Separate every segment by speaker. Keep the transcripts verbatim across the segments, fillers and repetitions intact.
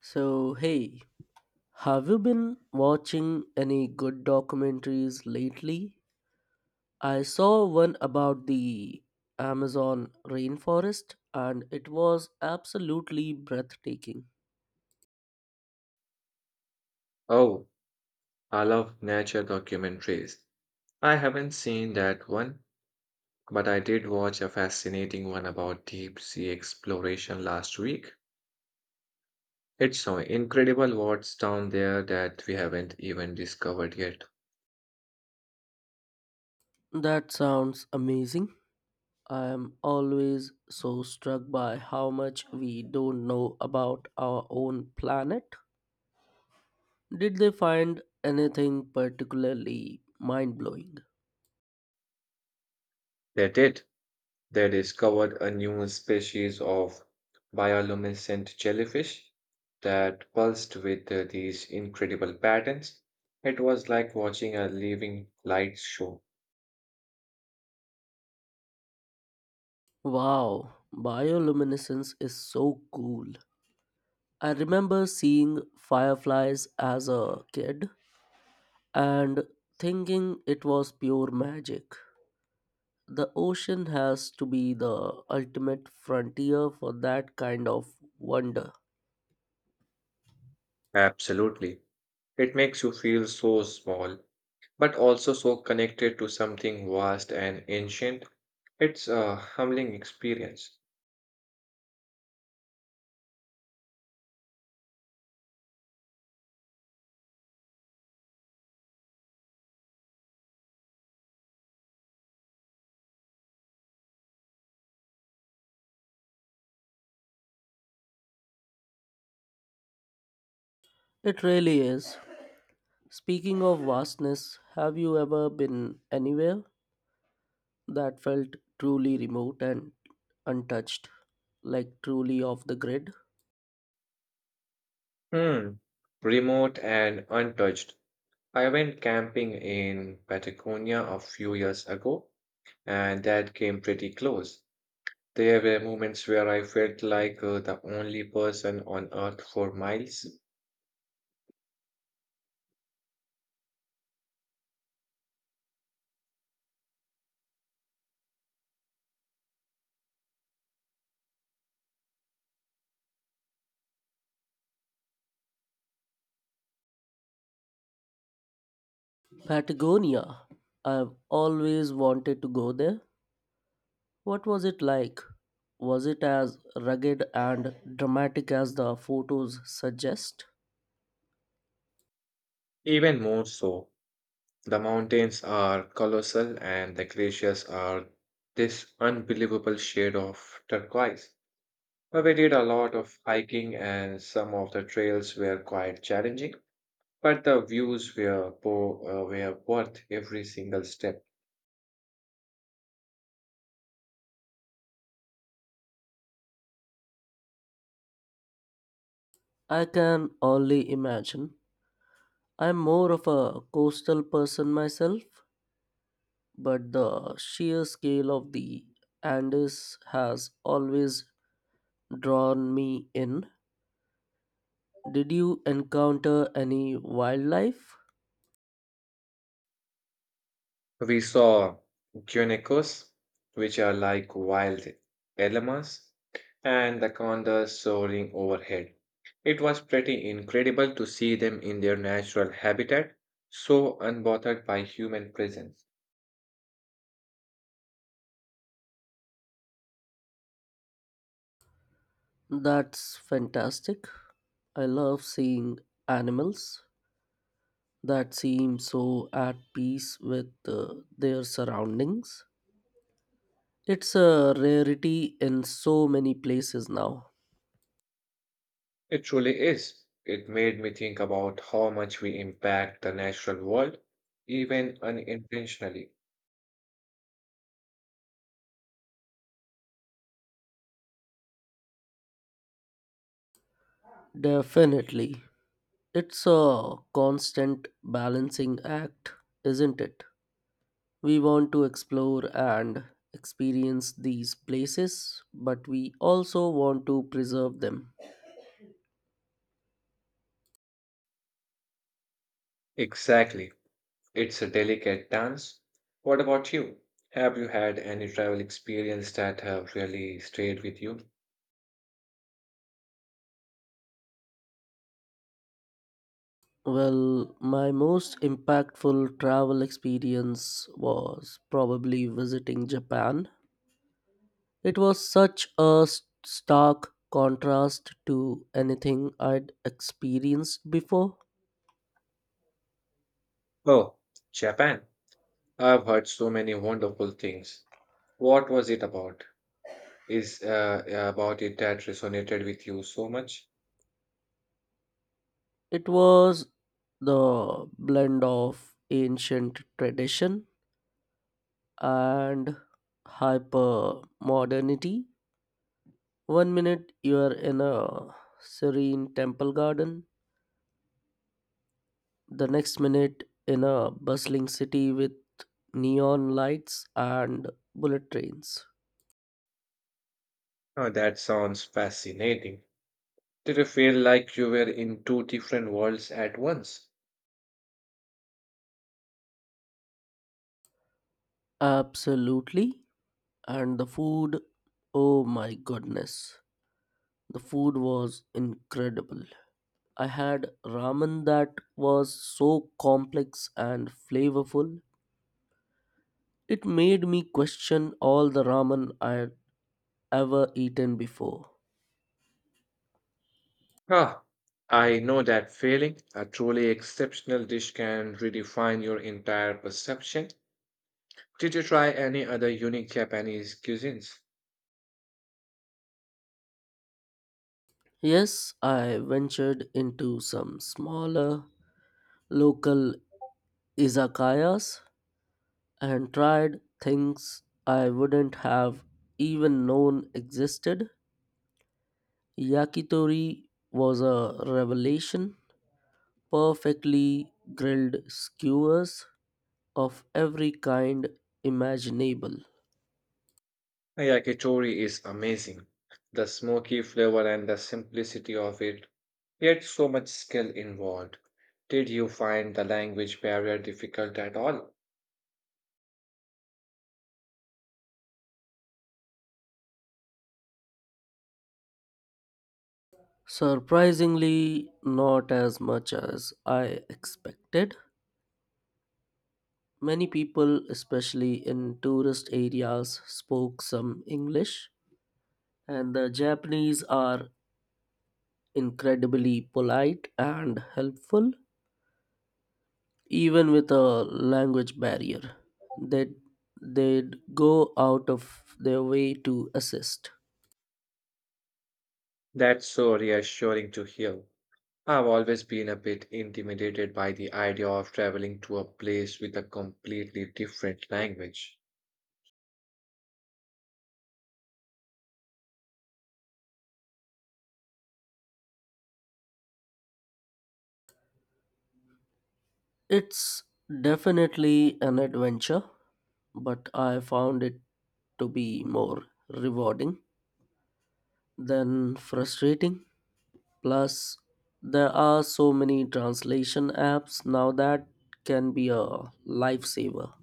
Speaker 1: So, hey, have you been watching any good documentaries lately? I saw one about the Amazon rainforest, and it was absolutely breathtaking.
Speaker 2: Oh, I love nature documentaries. I haven't seen that one, but I did watch a fascinating one about deep sea exploration last week. It's so incredible what's down there that we haven't even discovered yet.
Speaker 1: That sounds amazing. I am always so struck by how much we don't know about our own planet. Did they find anything particularly mind blowing?
Speaker 2: They did. They discovered a new species of bioluminescent jellyfish that pulsed with uh, these incredible patterns. It was like watching a living light show.
Speaker 1: Wow, bioluminescence is so cool. I remember seeing fireflies as a kid and thinking it was pure magic. The ocean has to be the ultimate frontier for that kind of wonder.
Speaker 2: Absolutely. It makes you feel so small, but also so connected to something vast and ancient. It's a humbling experience.
Speaker 1: It really is. Speaking of vastness, have you ever been anywhere that felt truly remote and untouched, like truly off the grid?
Speaker 2: Hmm. Remote and untouched. I went camping in Patagonia a few years ago, and that came pretty close. There were moments where I felt like uh, the only person on earth for miles,
Speaker 1: Patagonia. I've always wanted to go there. What was it like? Was it as rugged and dramatic as the photos suggest?
Speaker 2: even more so. The mountains are colossal and the glaciers are this unbelievable shade of turquoise. But we did a lot of hiking and some of the trails were quite challenging, but the views were, bo- uh, were worth every single step.
Speaker 1: I can only imagine. I'm more of a coastal person myself, but the sheer scale of the Andes has always drawn me in. Did you encounter any wildlife?
Speaker 2: We saw guineacos, which are like wild llamas, and anacondas soaring overhead. It was pretty incredible to see them in their natural habitat, so unbothered by human presence.
Speaker 1: That's fantastic. I love seeing animals that seem so at peace with uh, their surroundings. It's a rarity in so many places now.
Speaker 2: It truly is. It made me think about how much we impact the natural world, even unintentionally.
Speaker 1: Definitely. It's a constant balancing act, isn't it? We want to explore and experience these places, but we also want to preserve them.
Speaker 2: Exactly. It's a delicate dance. What about you? Have you had any travel experience that have really stayed with you?
Speaker 1: Well, my most impactful travel experience was probably visiting Japan. It was such a s- stark contrast to anything I'd experienced before.
Speaker 2: Oh, Japan. I've heard so many wonderful things. What was it about? Is uh, about it that resonated with you so much?
Speaker 1: It was the blend of ancient tradition and hyper modernity. One minute you're in a serene temple garden, the next minute in a bustling city with neon lights and bullet trains.
Speaker 2: Oh, that sounds fascinating. Did you feel like you were in two different worlds at once?
Speaker 1: Absolutely. And the food, oh my goodness, the food was incredible. I had ramen that was so complex and flavorful. It made me question all the ramen I had ever eaten before.
Speaker 2: Ah, I know that feeling. A truly exceptional dish can redefine your entire perception. Did you try any other unique Japanese cuisines?
Speaker 1: Yes, I ventured into some smaller local izakayas and tried things I wouldn't have even known existed. Yakitori was a revelation. Perfectly grilled skewers of every kind imaginable.
Speaker 2: Yakitori is amazing. The smoky flavor and the simplicity of it, yet so much skill involved. Did you find the language barrier difficult at all?
Speaker 1: Surprisingly, not as much as I expected. Many people, especially in tourist areas, spoke some English, and the Japanese are incredibly polite and helpful. Even with a language barrier, they would they'd go out of their way to assist.
Speaker 2: That's so reassuring to hear. I've always been a bit intimidated by the idea of traveling to a place with a completely different language.
Speaker 1: It's definitely an adventure, but I found it to be more rewarding than frustrating. Plus, there are so many translation apps now that can be a lifesaver.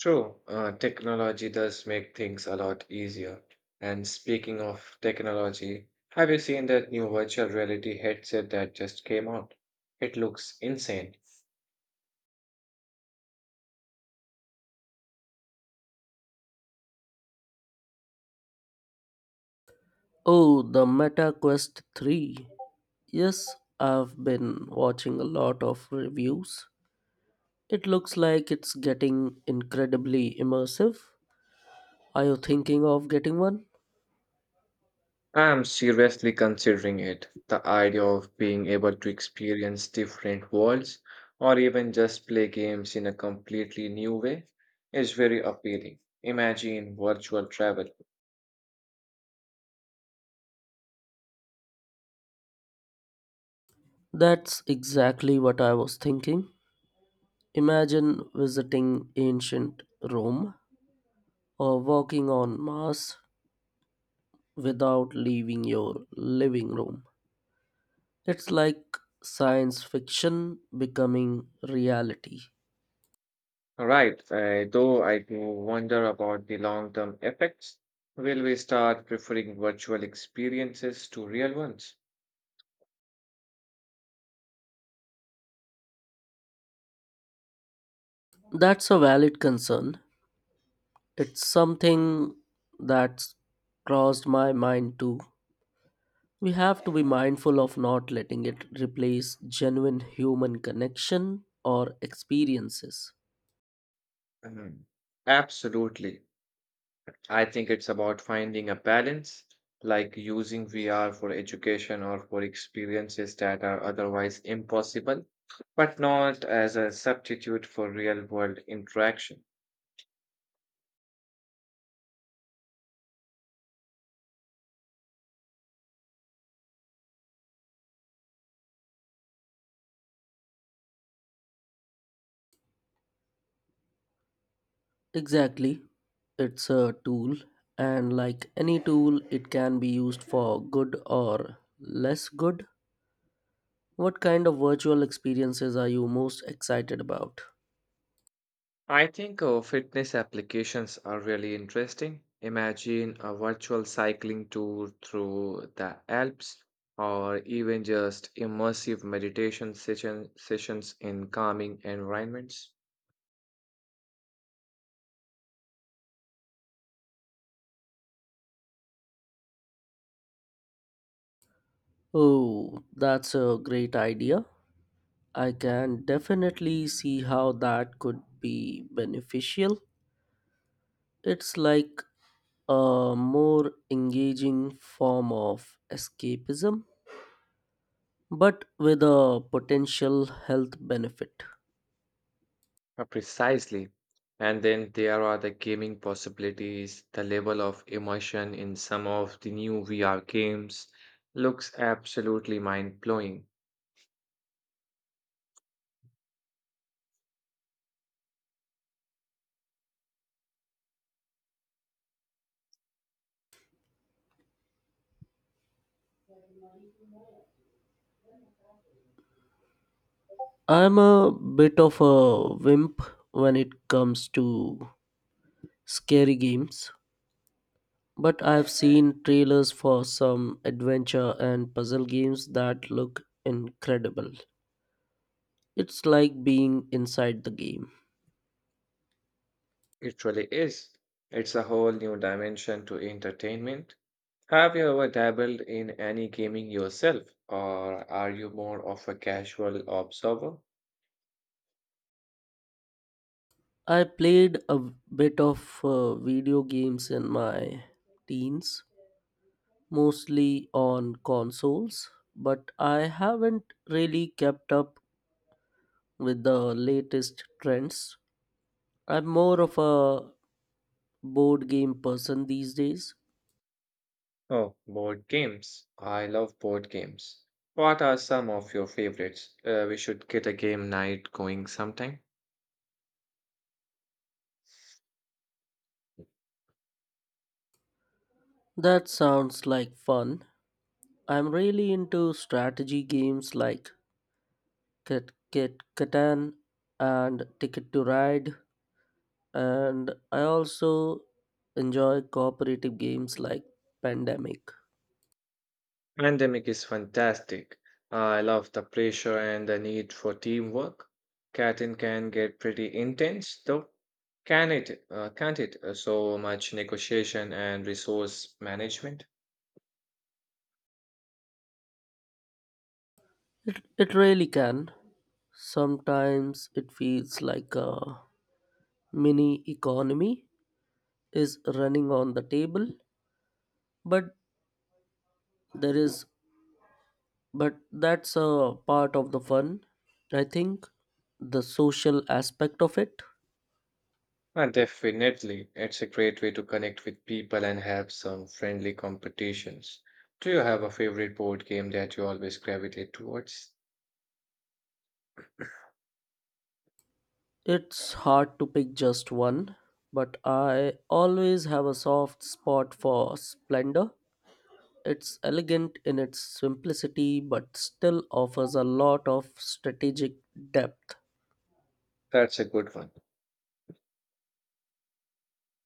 Speaker 2: True, uh, technology does make things a lot easier. And speaking of technology, have you seen that new virtual reality headset that just came out? It looks insane.
Speaker 1: Oh, the Meta Quest three, yes, I've been watching a lot of reviews. It looks like it's getting incredibly immersive. Are you thinking of getting one?
Speaker 2: I'm seriously considering it. The idea of being able to experience different worlds or even just play games in a completely new way is very appealing. Imagine virtual travel.
Speaker 1: That's exactly what I was thinking. Imagine visiting ancient Rome or walking on Mars without leaving your living room. It's like science fiction becoming reality.
Speaker 2: Right, uh, though I do wonder about the long-term effects. Will we start preferring virtual experiences to real ones?
Speaker 1: That's a valid concern. It's something that's crossed my mind too. We have to be mindful of not letting it replace genuine human connection or experiences.
Speaker 2: Mhm. Absolutely. I think it's about finding a balance, like using V R for education or for experiences that are otherwise impossible, but not as a substitute for real-world interaction.
Speaker 1: Exactly. It's a tool, and like any tool, it can be used for good or less good. What kind of virtual experiences are you most excited about?
Speaker 2: I think uh, fitness applications are really interesting. Imagine a virtual cycling tour through the Alps or even just immersive meditation session, sessions in calming environments.
Speaker 1: Oh, that's a great idea. I can definitely see how that could be beneficial. It's like a more engaging form of escapism, but with a potential health benefit.
Speaker 2: Uh, Precisely. And then there are the gaming possibilities, the level of immersion in some of the new V R games looks absolutely mind blowing.
Speaker 1: I'm a bit of a wimp when it comes to scary games, but I've seen trailers for some adventure and puzzle games that look incredible. It's like being inside the game.
Speaker 2: It really is. It's a whole new dimension to entertainment. Have you ever dabbled in any gaming yourself, or are you more of a casual observer?
Speaker 1: I played a bit of uh, video games in my teens, mostly on consoles, but I haven't really kept up with the latest trends. I'm more of a board game person these days.
Speaker 2: Oh, board games. I love board games. What are some of your favorites? Uh, we should get a game night going sometime.
Speaker 1: That sounds like fun. I'm really into strategy games like Cat Cat Catan and Ticket to Ride, and I also enjoy cooperative games like Pandemic.
Speaker 2: Pandemic is fantastic. I love the pressure and the need for teamwork. Catan can get pretty intense, though. Can it? Uh, can't it? Uh, so much negotiation and resource management.
Speaker 1: It, it really can. Sometimes it feels like a mini economy is running on the table, but there is but that's a part of the fun, I think, the social aspect of it.
Speaker 2: Uh, definitely, it's a great way to connect with people and have some friendly competitions. Do you have a favorite board game that you always gravitate towards?
Speaker 1: It's hard to pick just one, but I always have a soft spot for Splendor. It's elegant in its simplicity but still offers a lot of strategic depth.
Speaker 2: That's a good one.